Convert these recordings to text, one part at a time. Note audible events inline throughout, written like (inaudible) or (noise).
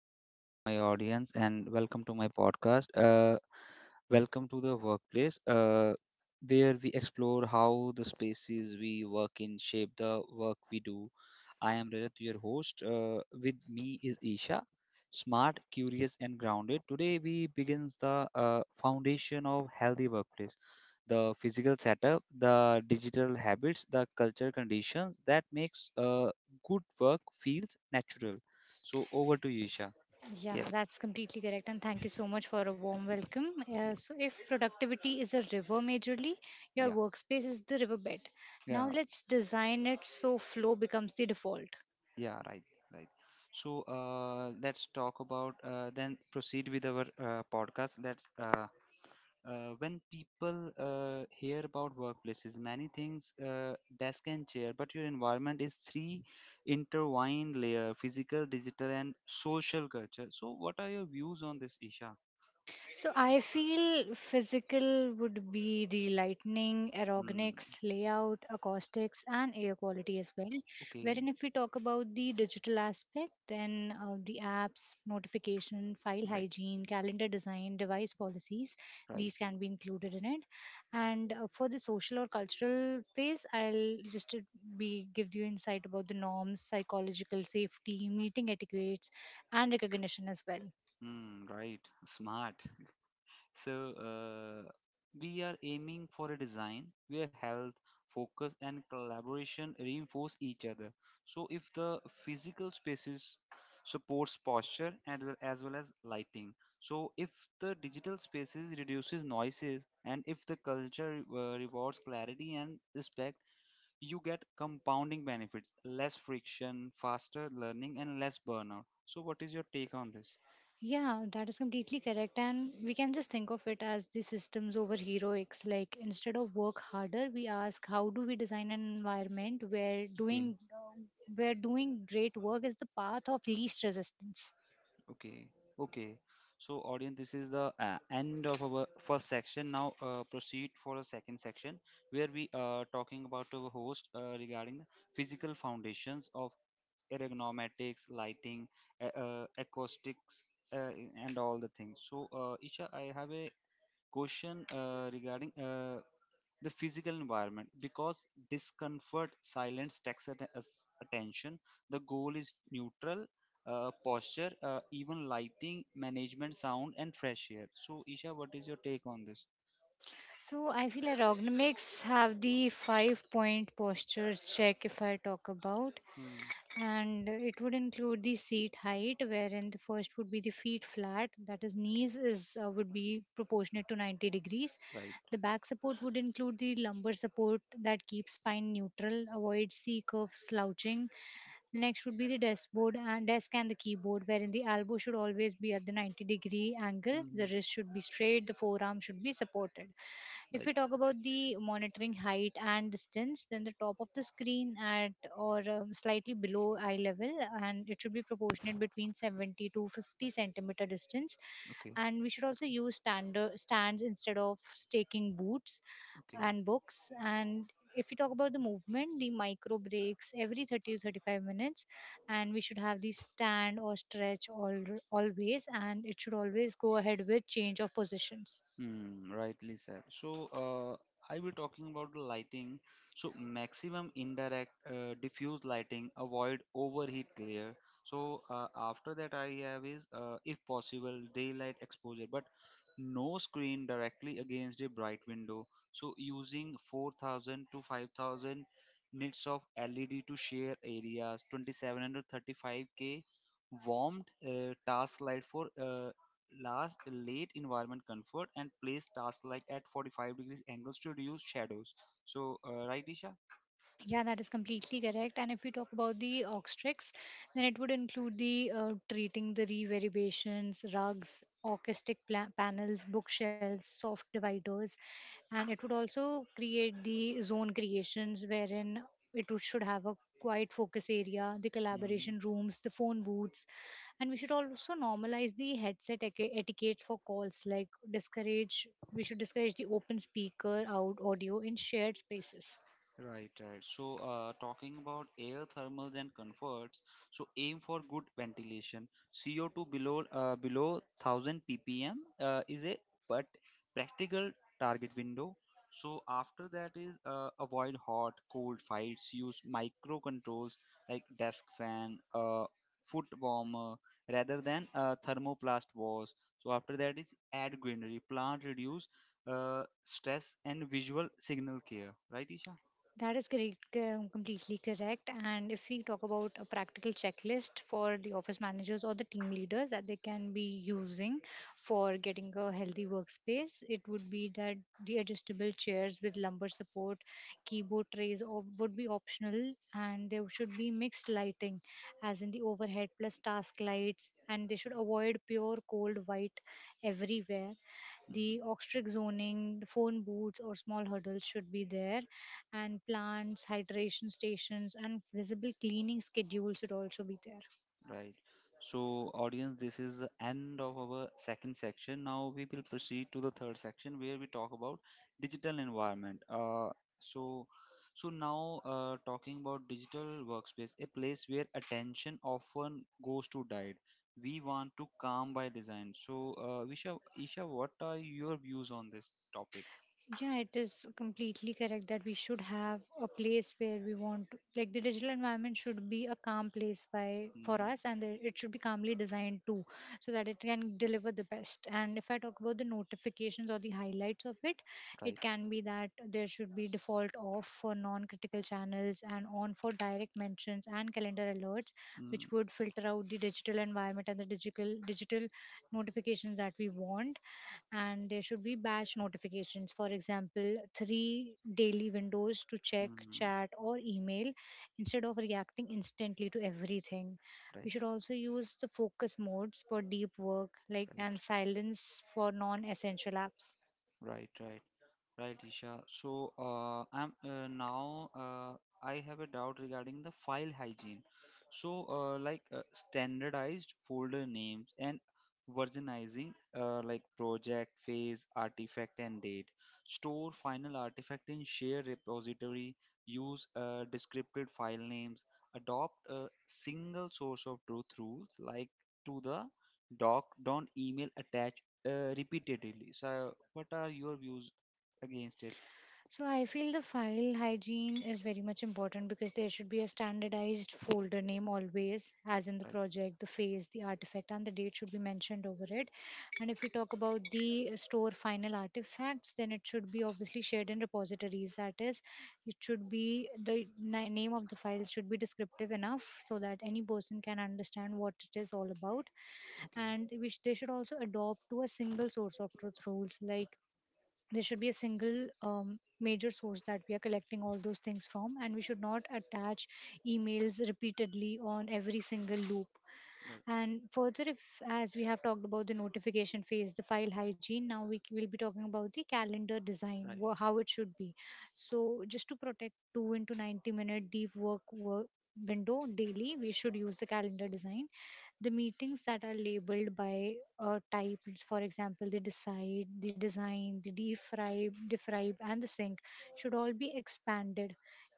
Hello, hello to my audience, and welcome to my podcast. Welcome to the workplace, where we explore how the spaces we work in shape the work we do. I am Rajat, your host. With me is Isha, smart, curious, and grounded. Today we begins the foundation of healthy workplace, the physical setup, the digital habits, the culture conditions that makes good work feels natural. So over to you, Isha. Yeah, Yes. that's completely correct. And thank you so much for a warm welcome. Yeah. If productivity is a river majorly, your Yeah. workspace is the riverbed. Now, Yeah. let's design it so flow becomes the default. Yeah. Right. Right. So let's talk about then proceed with our podcast. Let's When people hear about workplaces, many things desk and chair, but your environment is three intertwined layer: physical, digital, and social culture. So what are your views on this, Isha? So I feel physical would be the lightning, Hmm. ergonomics, layout, acoustics, and air quality as well. Wherein, Okay. if we talk about the digital aspect, then the apps, notification, file Right. hygiene, calendar design, device policies, Right. these can be included in it. And for the social or cultural phase, I'll just be give you insight about the norms, psychological safety, meeting etiquettes, and recognition as well. Hmm. Right. Smart. So, uh, we are aiming for a design where health, focus, and collaboration reinforce each other. So, if the physical spaces supports posture and well as lighting, so if the digital spaces reduces noises, and if the culture rewards clarity and respect, you get compounding benefits: less friction, faster learning, and less burnout. So, what is your take on this? Yeah, that is completely correct. And we can just think of it as the systems over heroics. Like, instead of work harder, we ask how do we design an environment Okay. Where doing great work is the path of least resistance. Okay, okay. So, audience, this is the end of our first section. Now, proceed for a second section where we are talking about our host regarding the physical foundations of ergonomics, lighting, acoustics, uh, and all the things. So, Isha, I have a question regarding the physical environment because discomfort silence takes attention, the goal is neutral posture, even lighting, management sound and fresh air. So Isha, what is your take on this? So I feel ergonomics have the five point postures check if I talk about. Hmm. And it would include the seat height wherein the first would be the feet flat, that is knees is would be proportionate to 90 degrees. Right. The back support would include the lumbar support that keeps spine neutral, avoids the curve slouching. Next would be the dashboard and desk and the keyboard, wherein the elbow should always be at the 90-degree angle, the Mm, wrist should be straight, the forearm should be supported. If right. we talk about the monitoring height and distance, then the top of the screen at or slightly below eye level, and it should be proportionate between 70 to 50 centimeter distance. Okay. And we should also use stander stands instead of staking boots Okay. and books. And if we talk about the movement, the micro breaks every 30 to 35 minutes, and we should have the stand or stretch all, always, and it should always go ahead with change of positions. Hmm, rightly said. So, I will talking about the lighting. So, maximum indirect diffuse lighting, avoid overheat glare. So, after that, I have is if possible daylight exposure, but no screen directly against a bright window. So, using 4000 to 5000 nits of LED to share areas, 2735K warmed task light for last late environment comfort, and place tasks like at 45 degrees angles to reduce shadows. So, right, Isha? Yeah, that is completely correct. And if we talk about the obstetrics, then it would include the treating the reverberations, rugs, acoustic panels, bookshelves, soft dividers, and it would also create the zone creations wherein should have a quiet focus area, the collaboration rooms, the phone booths, and we should also normalize the headset etiquettes for calls. Like we should discourage the open speaker out audio in shared spaces. Right, right. So, talking about air thermals and comforts, so aim for good ventilation. CO2 below 1000 ppm is a but practical target window. So after that is avoid hot, cold fights. Use micro controls like desk fan, foot warmer, rather than thermoplast walls. So after that is add greenery, plant reduce stress and visual signal care. Right, Isha? That is correct, completely correct. And if we talk about a practical checklist for the office managers or the team leaders that they can be using for getting a healthy workspace, it would be that the adjustable chairs with lumbar support, keyboard trays or would be optional, and there should be mixed lighting, as in the overhead plus task lights, and they should avoid pure cold white everywhere, Mm. the oxtric zoning, the phone booths or small hurdles should be there, and plants, hydration stations, and visible cleaning schedules should also be there. Right. So, audience, this is the end of our second section. Now we will proceed to the third section where we talk about digital environment. So, Now talking about digital workspace, a place where attention often goes to diet. We want to calm by design. So, Isha, what are your views on this topic? Yeah, it is completely correct that we should have a place where we want, like the digital environment should be a calm place by for Mm, us, and it should be calmly designed too, so that it can deliver the best. And if I talk about the notifications or the highlights of it, right. it can be that there should be default off for non-critical channels and on for direct mentions and calendar alerts, Mm. which would filter out the digital environment and the digital notifications that we want. And there should be batch notifications, for example three daily windows to check Mm, chat or email instead of reacting instantly to everything. right. We should also use the focus modes for deep work like and Right. silence for non essential apps. Right. Right. Right, Isha. So, I have a doubt regarding the file hygiene. So, like standardized folder names and versionizing, like project, phase, artifact, and date. Store final artifact in shared repository. Use descriptive file names. Adopt a single source of truth rules, like to the doc. Don't email attach repeatedly. So, what are your views against it? So I feel the file hygiene is very much important because there should be a standardized folder name always, as in the Right. project, the phase, the artifact, and the date should be mentioned over it. And if we talk about the store final artifacts, then it should be obviously shared in repositories. That is, it should be name of the file should be descriptive enough so that any person can understand what it is all about. Okay. And they should also adopt to a single source of truth rules, like there should be a single major source that we are collecting all those things from, and we should not attach emails repeatedly on every single loop. Right. And further, if as we have talked about the notification phase, the file hygiene, now we will be talking about the calendar design, Right. How it should be. So just to protect 2 into 90 minute deep work window daily, we should use the calendar design. The meetings that are labeled by type, for example, the decide, the design, the defribe, and the sync, should all be expanded.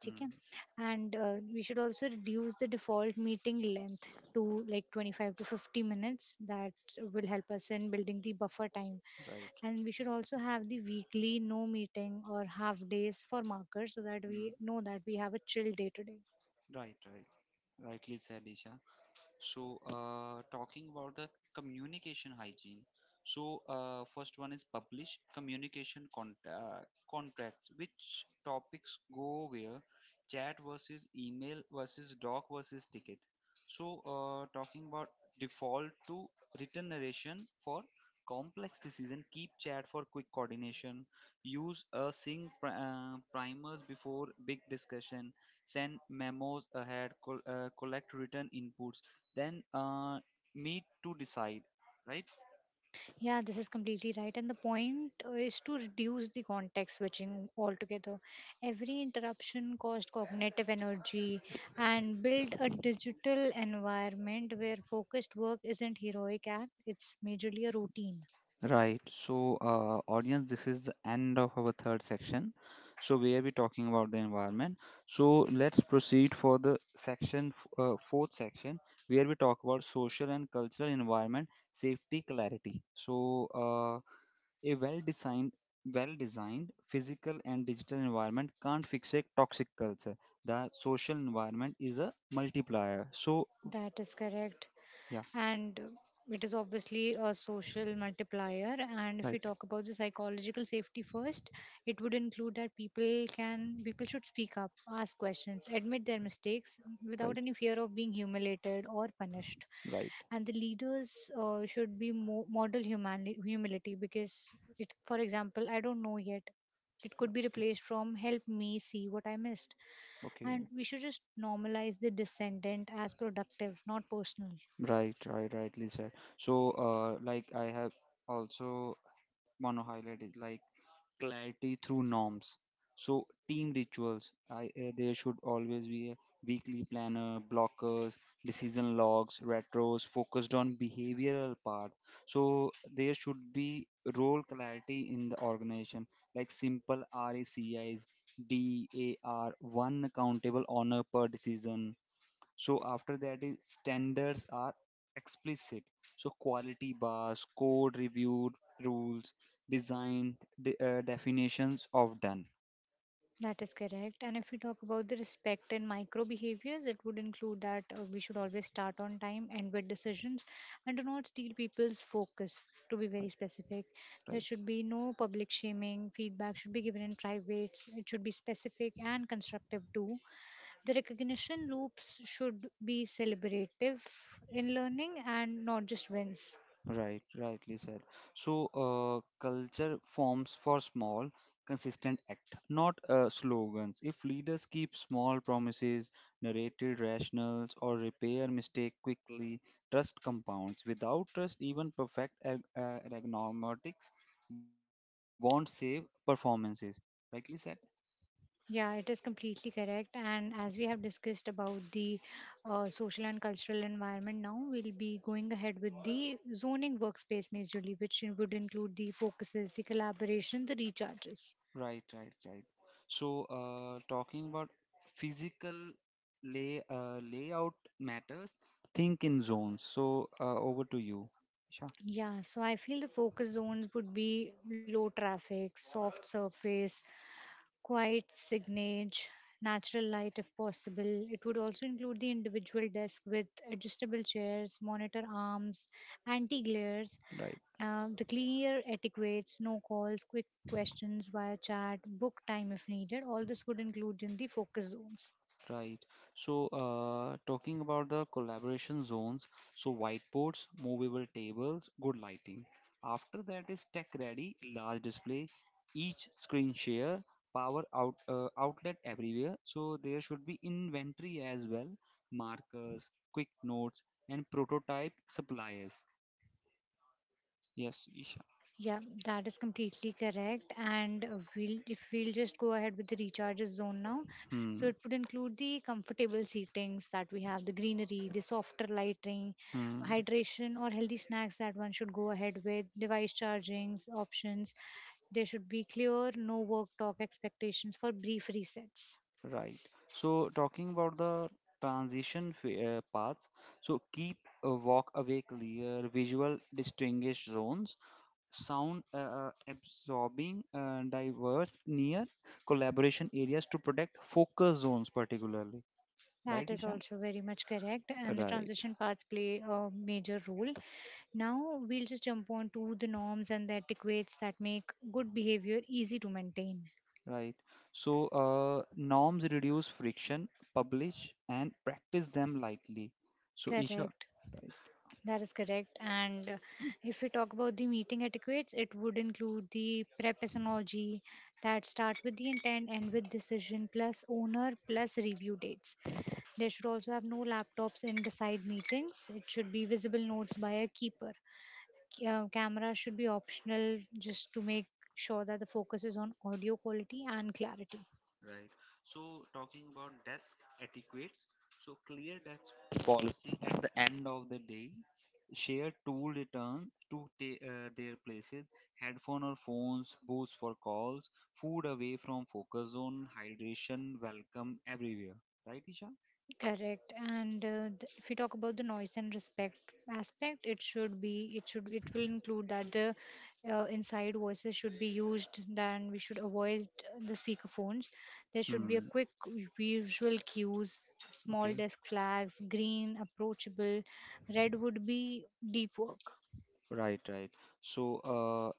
Okay, Mm, and we should also reduce the default meeting length to like 25 to 50 minutes. That will help us in building the buffer time. right. And we should also have the weekly no meeting or half days for markers so that Mm, we know that we have a chill day today. right. Right, rightly said, Isha. So, talking about the communication hygiene. So, first one is publish communication contracts. Which topics go where? Chat versus email versus doc versus ticket. So, talking about default to written narration for complex decision. Keep chat for quick coordination. Use a sync primers before big discussion, send memos ahead, collect written inputs, then meet to decide, right? Yeah, this is completely right. And the point is to reduce the context switching altogether. Every interruption costs cognitive energy and build a digital environment where focused work isn't heroic act, it's majorly a routine. Right. So, audience, this is the end of our third section. So, where we talking about the environment. So, let's proceed for the section, fourth section, where we talk about social and cultural environment safety clarity. So, a well-designed physical and digital environment can't fix a toxic culture. The social environment is a multiplier. So, That is correct. yeah, And it is obviously a social multiplier. And if we right, talk about the psychological safety first, it would include that people should speak up, ask questions, admit their mistakes without right. any fear of being humiliated or punished. Right. And the leaders should be model humility, because it for example, "I don't know yet" it could be Okay. replaced from "help me see what I missed". Okay. And we should just normalize the descendant as productive, not personal. Right. Right. Rightly said. So, like I have also want to highlight is like clarity through norms. So, team rituals. I There should always be a weekly planner, blockers, decision logs, retros focused on behavioral part. So, there should be role clarity in the organization, like simple RACIs, DAR, one accountable honor per decision. So after that is standards are explicit. So quality bars, code review rules, design definitions of done. That is correct. And if we talk about the respect and micro behaviors, it would include that we should always start on time, end with decisions, and do not steal people's focus, to be very specific. There Right. should be no public shaming. Feedback should be given in private. It should be specific and constructive too. The recognition loops should be celebrative in learning and not just wins. Right, rightly said. So, culture forms for small, consistent act, not slogans. If leaders keep small promises, narrated rationals, or repair mistake quickly, trust compounds. Without trust, even perfect ergonomics won't save performances. Rightly said. Yeah, it is completely correct. And as we have discussed about the social and cultural environment now, we'll be going ahead with the zoning workspace majorly, which would include the focuses, the collaboration, the recharges. Right, right, right. So, talking about physical layout matters. Think in zones. So, over to you, Isha. Yeah, so I feel the focus zones would be low traffic, soft surface, quiet signage, natural light if possible. It would also include the individual desk with adjustable chairs, monitor arms, anti glares. Right. The clear etiquettes, no calls, quick questions via chat, book time if needed, all this would include in the focus zones. Right. So, talking about the collaboration zones, so whiteboards, movable tables, good lighting. After that is tech ready, large display, each screen share, power outlet everywhere. So there should be inventory as well, markers, quick notes, and prototype suppliers. Yes, Isha. Yeah, that is completely correct. And we'll if we'll just go ahead with the recharges zone now. So Hmm. it would include the comfortable seatings that we have, the greenery, the softer lighting, Hmm. hydration or healthy snacks that one should go ahead with, device chargings options. There should be clear no work talk expectations for brief resets. Right. So, talking about the transition paths, so keep a walk away clear, visual distinguished zones, sound absorbing, diverse, near collaboration areas to protect focus zones, particularly. Right, That is Isha? also very much correct, and the Right, transition paths play a major role. Now, we'll just jump on to the norms and the etiquettes that make good behavior easy to maintain. right. So, norms reduce friction, publish and practice them lightly. So, Isha, Correct, right. that is correct. And if we talk about the meeting etiquettes, it would include the prepasonology that start with the intent and with decision, plus owner, plus review dates. They should also have no laptops in the side meetings. It should be visible notes by a keeper. Camera should be optional just to make sure that the focus is on audio quality and clarity. Right. So talking about desk etiquettes, so clear desk policy at the end of the day, share tool return to their places, headphone or phones, booths for calls, food away from focus zone, hydration, welcome everywhere. Right, Isha? Correct. And if we talk about the noise and respect aspect, it should be it should it will include that the inside voices should be used, then we should avoid the speaker phones. There should be a Hmm. quick visual cues, small Okay. desk flags, green approachable, red would be deep work. Right. Right. So,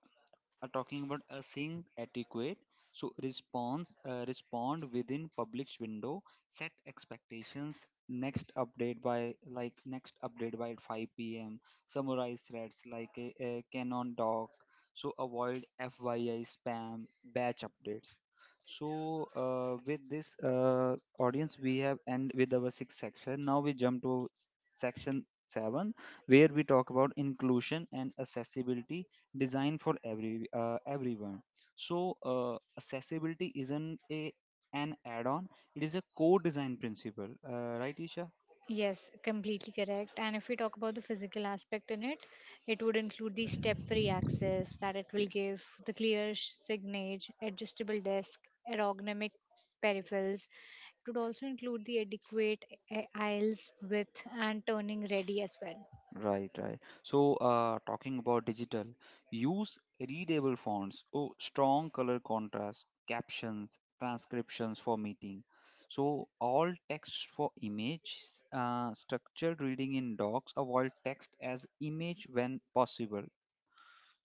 are talking about a sync etiquette. So response, respond within published window, set expectations. Next update by 5 p.m. Summarize threads like a Canon doc. So avoid FYI spam, batch updates. So with this audience, we have end with our sixth section. Now we jump to section seven, where we talk about inclusion and accessibility designed for every everyone. So accessibility isn't a an add-on; it is a core-design principle, right, Isha? Yes, completely correct. And if we talk about the physical aspect in it, it would include the step free access that it will Okay. give, the clear signage, adjustable desk, ergonomic peripherals. It would also include the adequate aisles width and turning ready as well. Right, right. So, talking about digital, use readable fonts, oh, strong color contrast, captions, transcriptions for meeting. So, all text for image, structured reading in docs, avoid text as image when possible.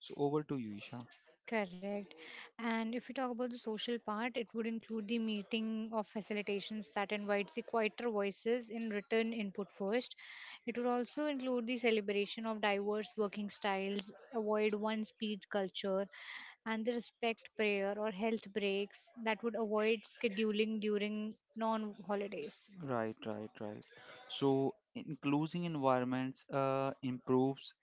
So, over to you, Isha. Correct. And if we talk about the social part, it would include the meeting of facilitations that invites the quieter voices in written input first. It would also include the celebration of diverse working styles, avoid one speed culture, and the respect prayer or health breaks that would avoid scheduling during non holidays. Right, right, right. So including environments improves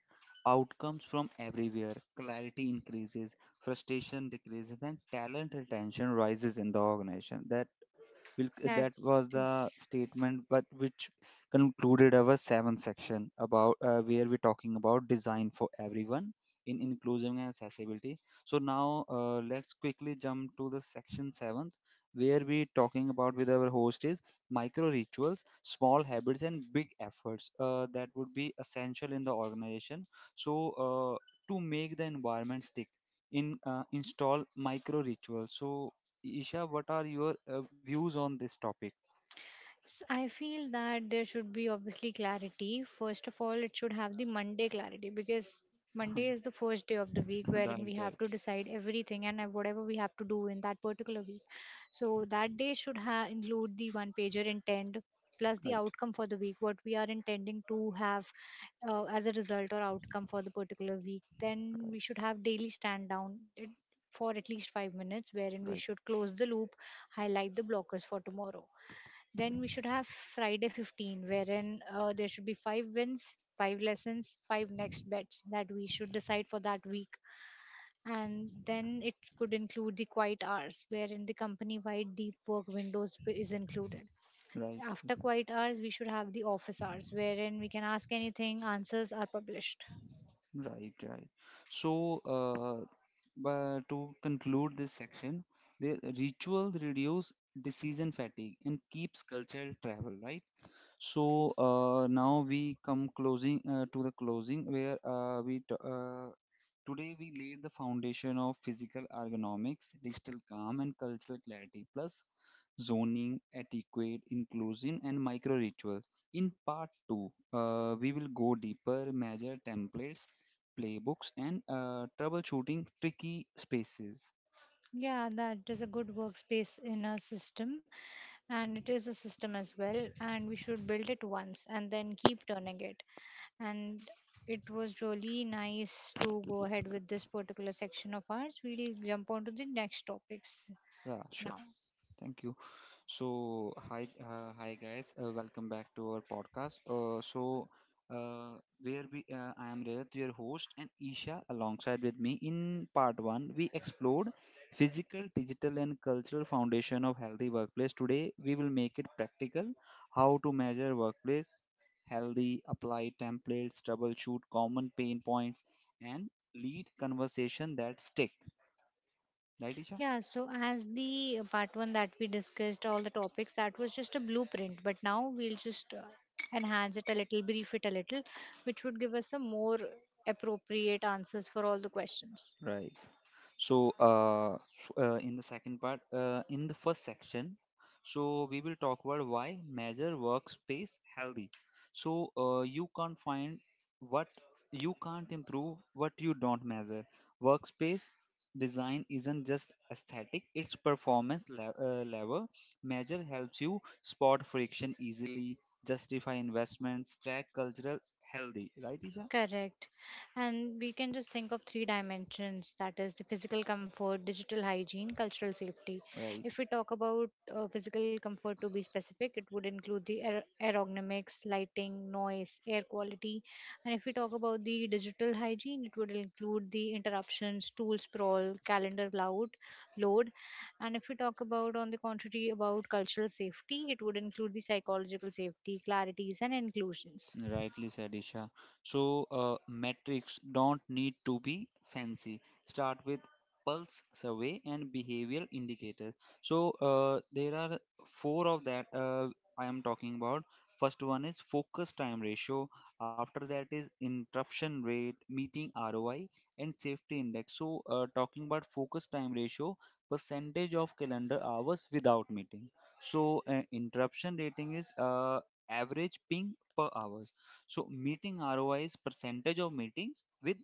outcomes from everywhere. Clarity increases, frustration decreases, and talent retention rises in the organization. That will That that was the is. statement, but which concluded our seventh section about where we're talking about design for everyone in inclusion and accessibility. So now let's quickly jump to the section seventh, where we're talking about with our host is micro rituals, small habits, and big efforts that would be essential in the organization. So uh, to make the environment stick in, install micro rituals. So Isha, what are your views on this topic? So I feel that there should be obviously clarity. First of all, it should have the Monday clarity because Monday (laughs) is the first day of the week wherein Right, we have right, to decide everything and whatever we have to do in that particular week. So that day should include the one pager intent plus the right, outcome for the week, what we are intending to have as a result or outcome for the particular week. Then we right, should have daily stand down. For at least 5 minutes, wherein we right, should close the loop, highlight the blockers for tomorrow. Then we should have Friday 15, wherein there should be five wins, five lessons, five next bets that we should decide for that week. And then it could include the quiet hours, wherein the company wide deep work windows is included. right, After quiet hours, we should have the office hours, wherein we can ask anything, answers are published. right, right. So, but to conclude this section, the ritual reduce decision fatigue and keeps cultural travel, right? So now we come closing to the closing where today we laid the foundation of physical ergonomics, digital calm, and cultural clarity, plus zoning, etiquette, inclusion, and micro rituals. In part two, we will go deeper, measure templates, playbooks, and troubleshooting tricky spaces. Yeah, that is a good workspace in a system, and it is a system as well. And we should build it once and then keep turning it. And it was really nice to go ahead with this particular section of ours. We'll jump on to the next topics Rasha. now. Thank you. So, hi, hi guys. Welcome back to our podcast. Uh, I am Rajat, your host, and Isha alongside with me. In part one, we explored physical, digital, and cultural foundation of healthy workplace. Today, we will make it practical: how to measure workplace healthy, apply templates, troubleshoot common pain points, and lead conversation that stick. Right, Isha? Yeah, so as the part one that we discussed, all the topics, that was just a blueprint, but now we'll just enhance it a little, brief it a little, which would give us some more appropriate answers for all the questions. Right. So, in the second part, in the first section, so we will talk about why measure workspace healthy. So, what you can't improve what you don't measure. Workspace design isn't just aesthetic, it's performance lever. Measure helps you spot friction easily, justify investments, track cultural healthy. Right, Isha? Correct. And we can just think of three dimensions, that is, the physical comfort, digital hygiene, cultural safety. Right. If we talk about physical comfort to be specific, it would include the aerodynamics, lighting, noise, air quality. And if we talk about the digital hygiene, it would include the interruptions, tool sprawl, calendar loud, load. And if we talk about, on the contrary, about cultural safety, it would include the psychological safety, clarities, and inclusions. Rightly said, Isha. So, metrics don't need to be fancy. Start with pulse survey and behavioral indicators. So, there are four of that I am talking about. First one is focus time ratio, after that is interruption rate, meeting ROI, and safety index. So, talking about focus time ratio, percentage of calendar hours without meeting. Interruption rating is average ping per hour. So meeting ROI is percentage of meetings with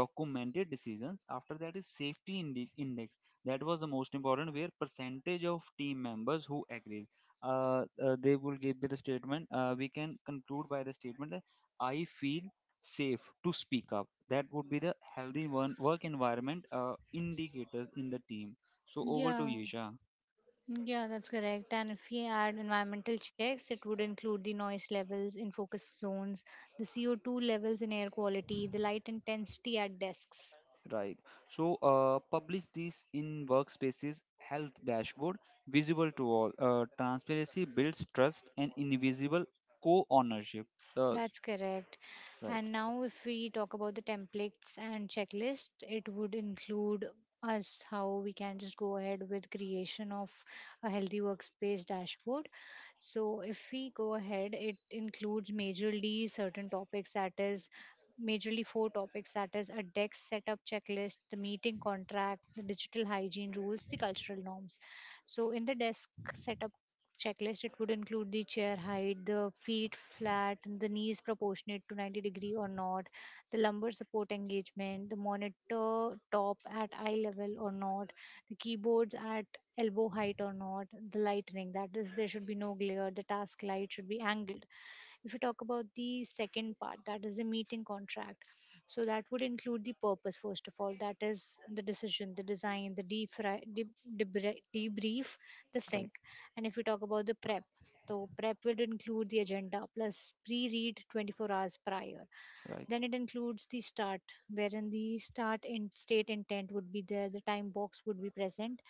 documented decisions. After that is index. That was the most important, where percentage of team members who agree. They will give me the statement. We can conclude by the statement that I feel safe to speak up. That would be the healthy one work environment indicators in the team. So over to Yeah, Yesha. yeah, that's correct. And if we add environmental checks, it would include the noise levels in focus zones, the CO2 levels in air quality, the light intensity at desks. Right. So publish this in workspaces, health dashboard, visible to all. Transparency builds trust and invisible co-ownership. Uh, That's correct. right. And now, if we talk about the templates and checklist, it would include us how we can just go ahead with creation of a healthy workspace dashboard. So, if we go ahead, it includes majorly certain topics, that is majorly four topics, that is a deck setup checklist, the meeting contract, the digital hygiene rules, the cultural norms. So in the desk setup checklist it would include the chair height, the feet flat, the knees proportionate to 90 degree or not, the lumbar support engagement, the monitor top at eye level or not, the keyboards at elbow height or not, the lightning, that is there should be no glare, the task light should be angled. If you talk about the second part, that is the meeting contract. So that would include the purpose, first of all, that is the decision, the design, the debrief, the Right. sync. And if we talk about the prep, so prep will include the agenda plus pre-read 24 hours prior. Right. Then it includes the start, wherein the start in state intent would be there, the time box would be present.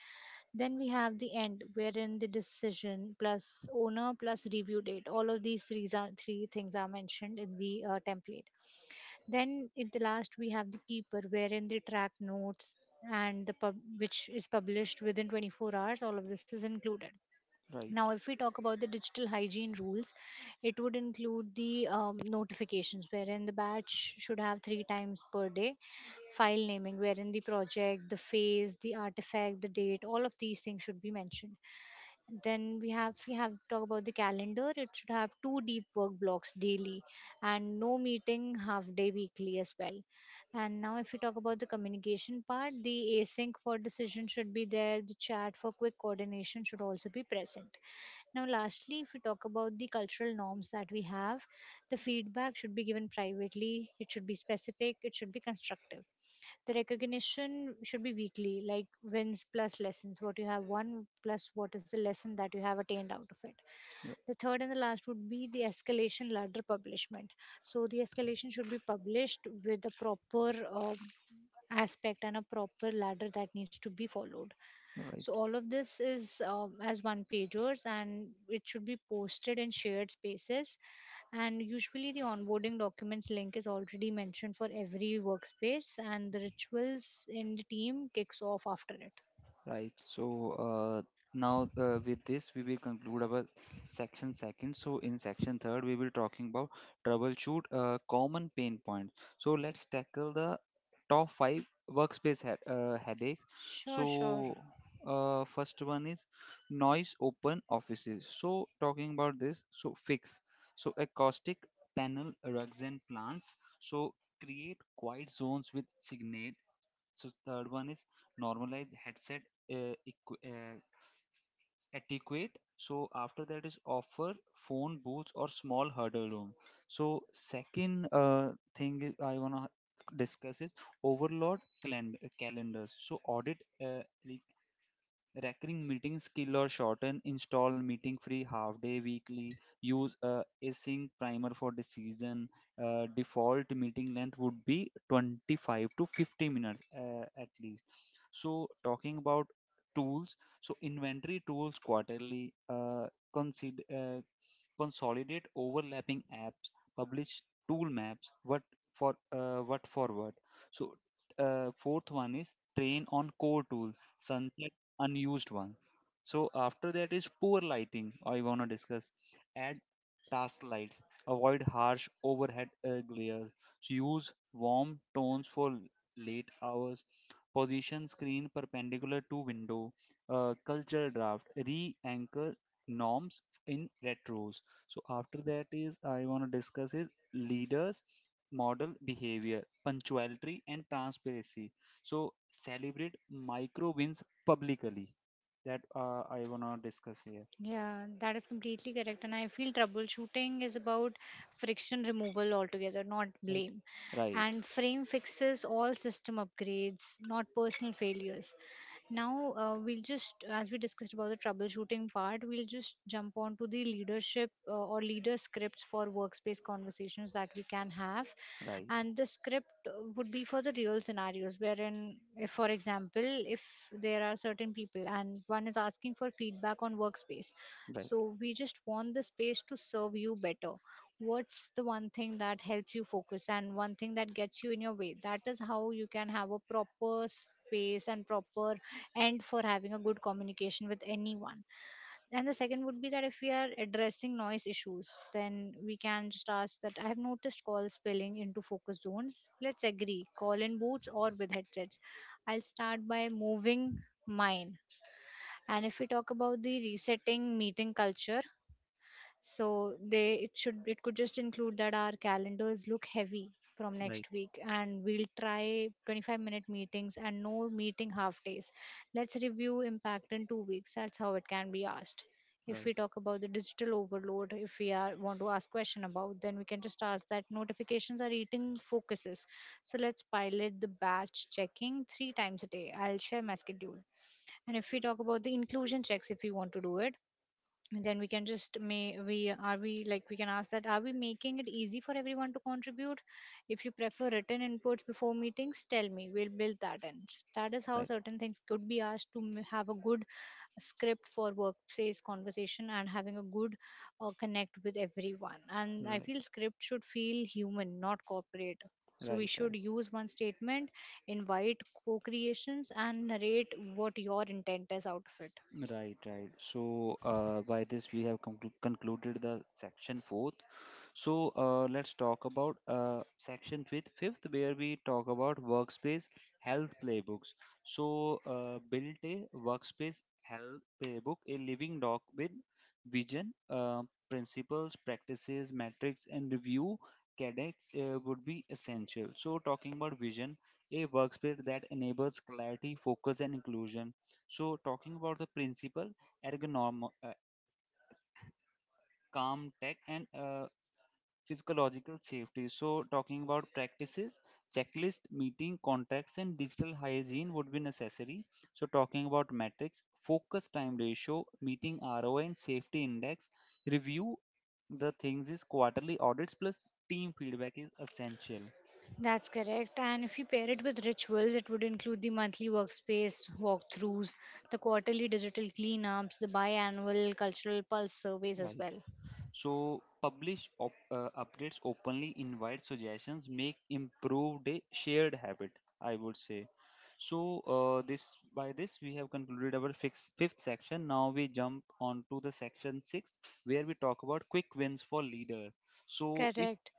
Then we have the end, wherein the decision plus owner plus review date. All of these three, are, three things are mentioned in the template. Then in the last, we have the keeper, wherein the track notes and the pub, which is published within 24 hours. All of this is included. Right. Now, if we talk about the digital hygiene rules, it would include the notifications, wherein the batch should have three times per day, file naming, wherein the project, the phase, the artifact, the date, all of these things should be mentioned. Then we have talk about the calendar. It should have two deep work blocks daily, and no meeting half day weekly as well. And now, if we talk about the communication part, the async for decision should be there. The chat for quick coordination should also be present. Now, lastly, if we talk about the cultural norms that we have, the feedback should be given privately, it should be specific, it should be constructive. The recognition should be weekly, like wins plus lessons, what you have won plus what is the lesson that you have attained out of it. Right. The third and the last would be the escalation ladder publishment. So, the escalation should be published with a proper aspect and a proper ladder that needs to be followed. Right. So all of this is as one pagers and it should be posted in shared spaces. And usually the onboarding documents link is already mentioned for every workspace and the rituals in the team kicks off after it. Right. So uh, now with this we will conclude our section second. So in section third we will talking about troubleshoot common pain points. So let's tackle the top five workspace headaches. Sure, sure. So first one is noise open offices. So talking about this. So fix. So acoustic panel rugs and plants. So create quiet zones with signage. So third one is normalize headset uh, equi- uh, etiquette. So after that is offer phone booths or small huddle room. So second thing is I wanna discuss is calendars. So audit recurring meeting skill or shorten install meeting free half day weekly. Use a async primer for decision. Default meeting length would be 25 to 50 minutes at least. So talking about tools, so inventory tools quarterly. Consider consolidate overlapping apps. Publish tool maps. What for? What forward? So fourth one is train on core tool sunset unused one. So after that is poor lighting. I wanna discuss. Add task lights. Avoid harsh overhead glares. So use warm tones for late hours. Position screen perpendicular to window. Culture draft. Re-anchor norms in retros. So after that is I wanna discuss is leaders model behavior, punctuality and transparency. So celebrate micro wins publicly, that I wanna discuss here. Yeah, that is completely correct. And I feel troubleshooting is about friction removal altogether, not Right, blame. right, And frame fixes all system upgrades, not personal failures. Now, we'll just, as we discussed about the troubleshooting part, we'll just jump on to the leadership or leader scripts for workspace conversations that we can have. right, And the script would be for the real scenarios, wherein if for example if there are certain people and one is asking for feedback on workspace, right, so we just want the space to serve you better. What's the one thing that helps you focus and one thing that gets you in your way? That is how you can have a proper space and proper end for having a good communication with anyone. And the second would be that if we are addressing noise issues, then we can just ask that I have noticed calls spilling into focus zones. Let's agree call in boots or with headsets. I'll start by moving mine. And if we talk about the resetting meeting culture, so they it should, it could just include that our calendars look heavy from right, right, next week and we'll try 25-minute meetings and no meeting half days. Let's review impact in 2 weeks. That's how it can be asked. If right, we talk about the digital overload, if we are want to ask question about, then we can just ask that notifications are eating focuses. So let's pilot the batch checking 3 times a day. I'll share my schedule. And if we talk about the inclusion checks, if we want to do it, then we can just may we are we like we can ask that, are we making it easy for everyone to contribute? If you prefer written inputs before meetings tell me, we'll build that in. That is how right, certain things could be asked to have a good script for workplace conversation and having a good connect with everyone. And I right, feel script should feel human, not corporate. So we right. should use one statement, invite co-creations, and narrate what your intent is out of it. Right, right. So, by this we have concluded the section four. So let's talk about section fifth, where we talk about workspace health playbooks. So build a workspace health playbook, a living doc with vision, principles, practices, metrics, and review. Cadets would be essential. So talking about vision, a workspace that enables clarity, focus, and inclusion. So talking about the principle, ergonomic, calm tech, and physiological safety. So, talking about practices, checklist, meeting, contracts, and digital hygiene would be necessary. So, talking about metrics, focus time ratio, meeting ROI, and safety index, review the things is quarterly audits plus team feedback is essential. That's correct. And if you pair it with rituals, it would include the monthly workspace walkthroughs, the quarterly digital cleanups, the biannual cultural pulse surveys as Right. well. So publish updates openly, invite suggestions, make improved a shared habit, I would say. So this by this we have concluded our fifth section. Now we jump on to the section six where we talk about quick wins for leader. So if Correct.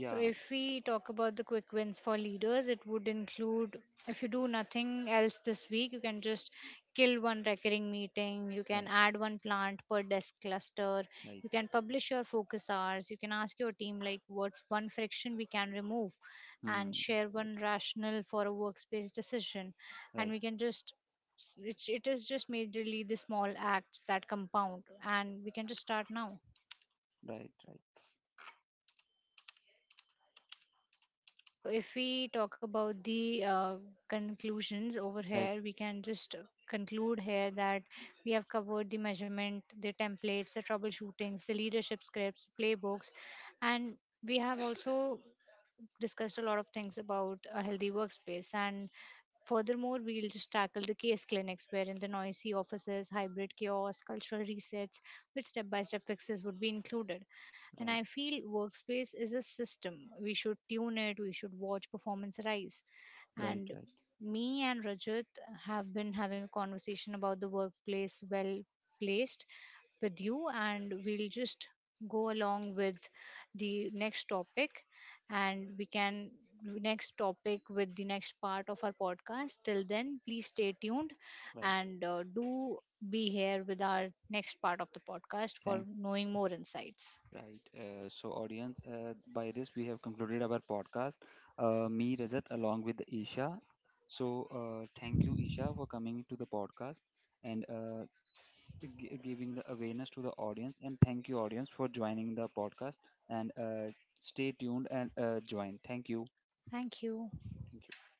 So, if we talk about the quick wins for leaders, it would include if you do nothing else this week, you can just kill one recurring meeting, you right, can add one plant per desk cluster, right, you can publish your focus hours, you can ask your team, like, what's one friction we can remove, hmm, and share right, one rationale for a workspace decision. And right, we can just it is just majorly the small acts that compound, and we can just start now. right, So, if we talk about the conclusions over right, right, here, we can just conclude here that we have covered the measurement, the templates, the troubleshootings, the leadership scripts, playbooks, and we have also discussed a lot of things about a healthy workspace. And furthermore, we'll just tackle the case clinics, wherein the noisy offices, hybrid chaos, cultural resets, with step by step fixes would be included. And right, I feel workspace is a system. We should tune it, we should watch performance rise. right, And right, me and Rajat have been having a conversation about the workplace well placed with you, and we'll just go along with the next topic. And we can do next topic with the next part of our podcast. Till then please stay tuned. right. And do be here with our next part of the podcast for Thank knowing more insights. right. So, audience, by this we have concluded our podcast. Me, Rajat, along with Isha. So, thank you, Isha, for coming to the podcast and giving the awareness to the audience. And thank you, audience, for joining the podcast. And stay tuned and join. Thank you. Thank you. Thank you.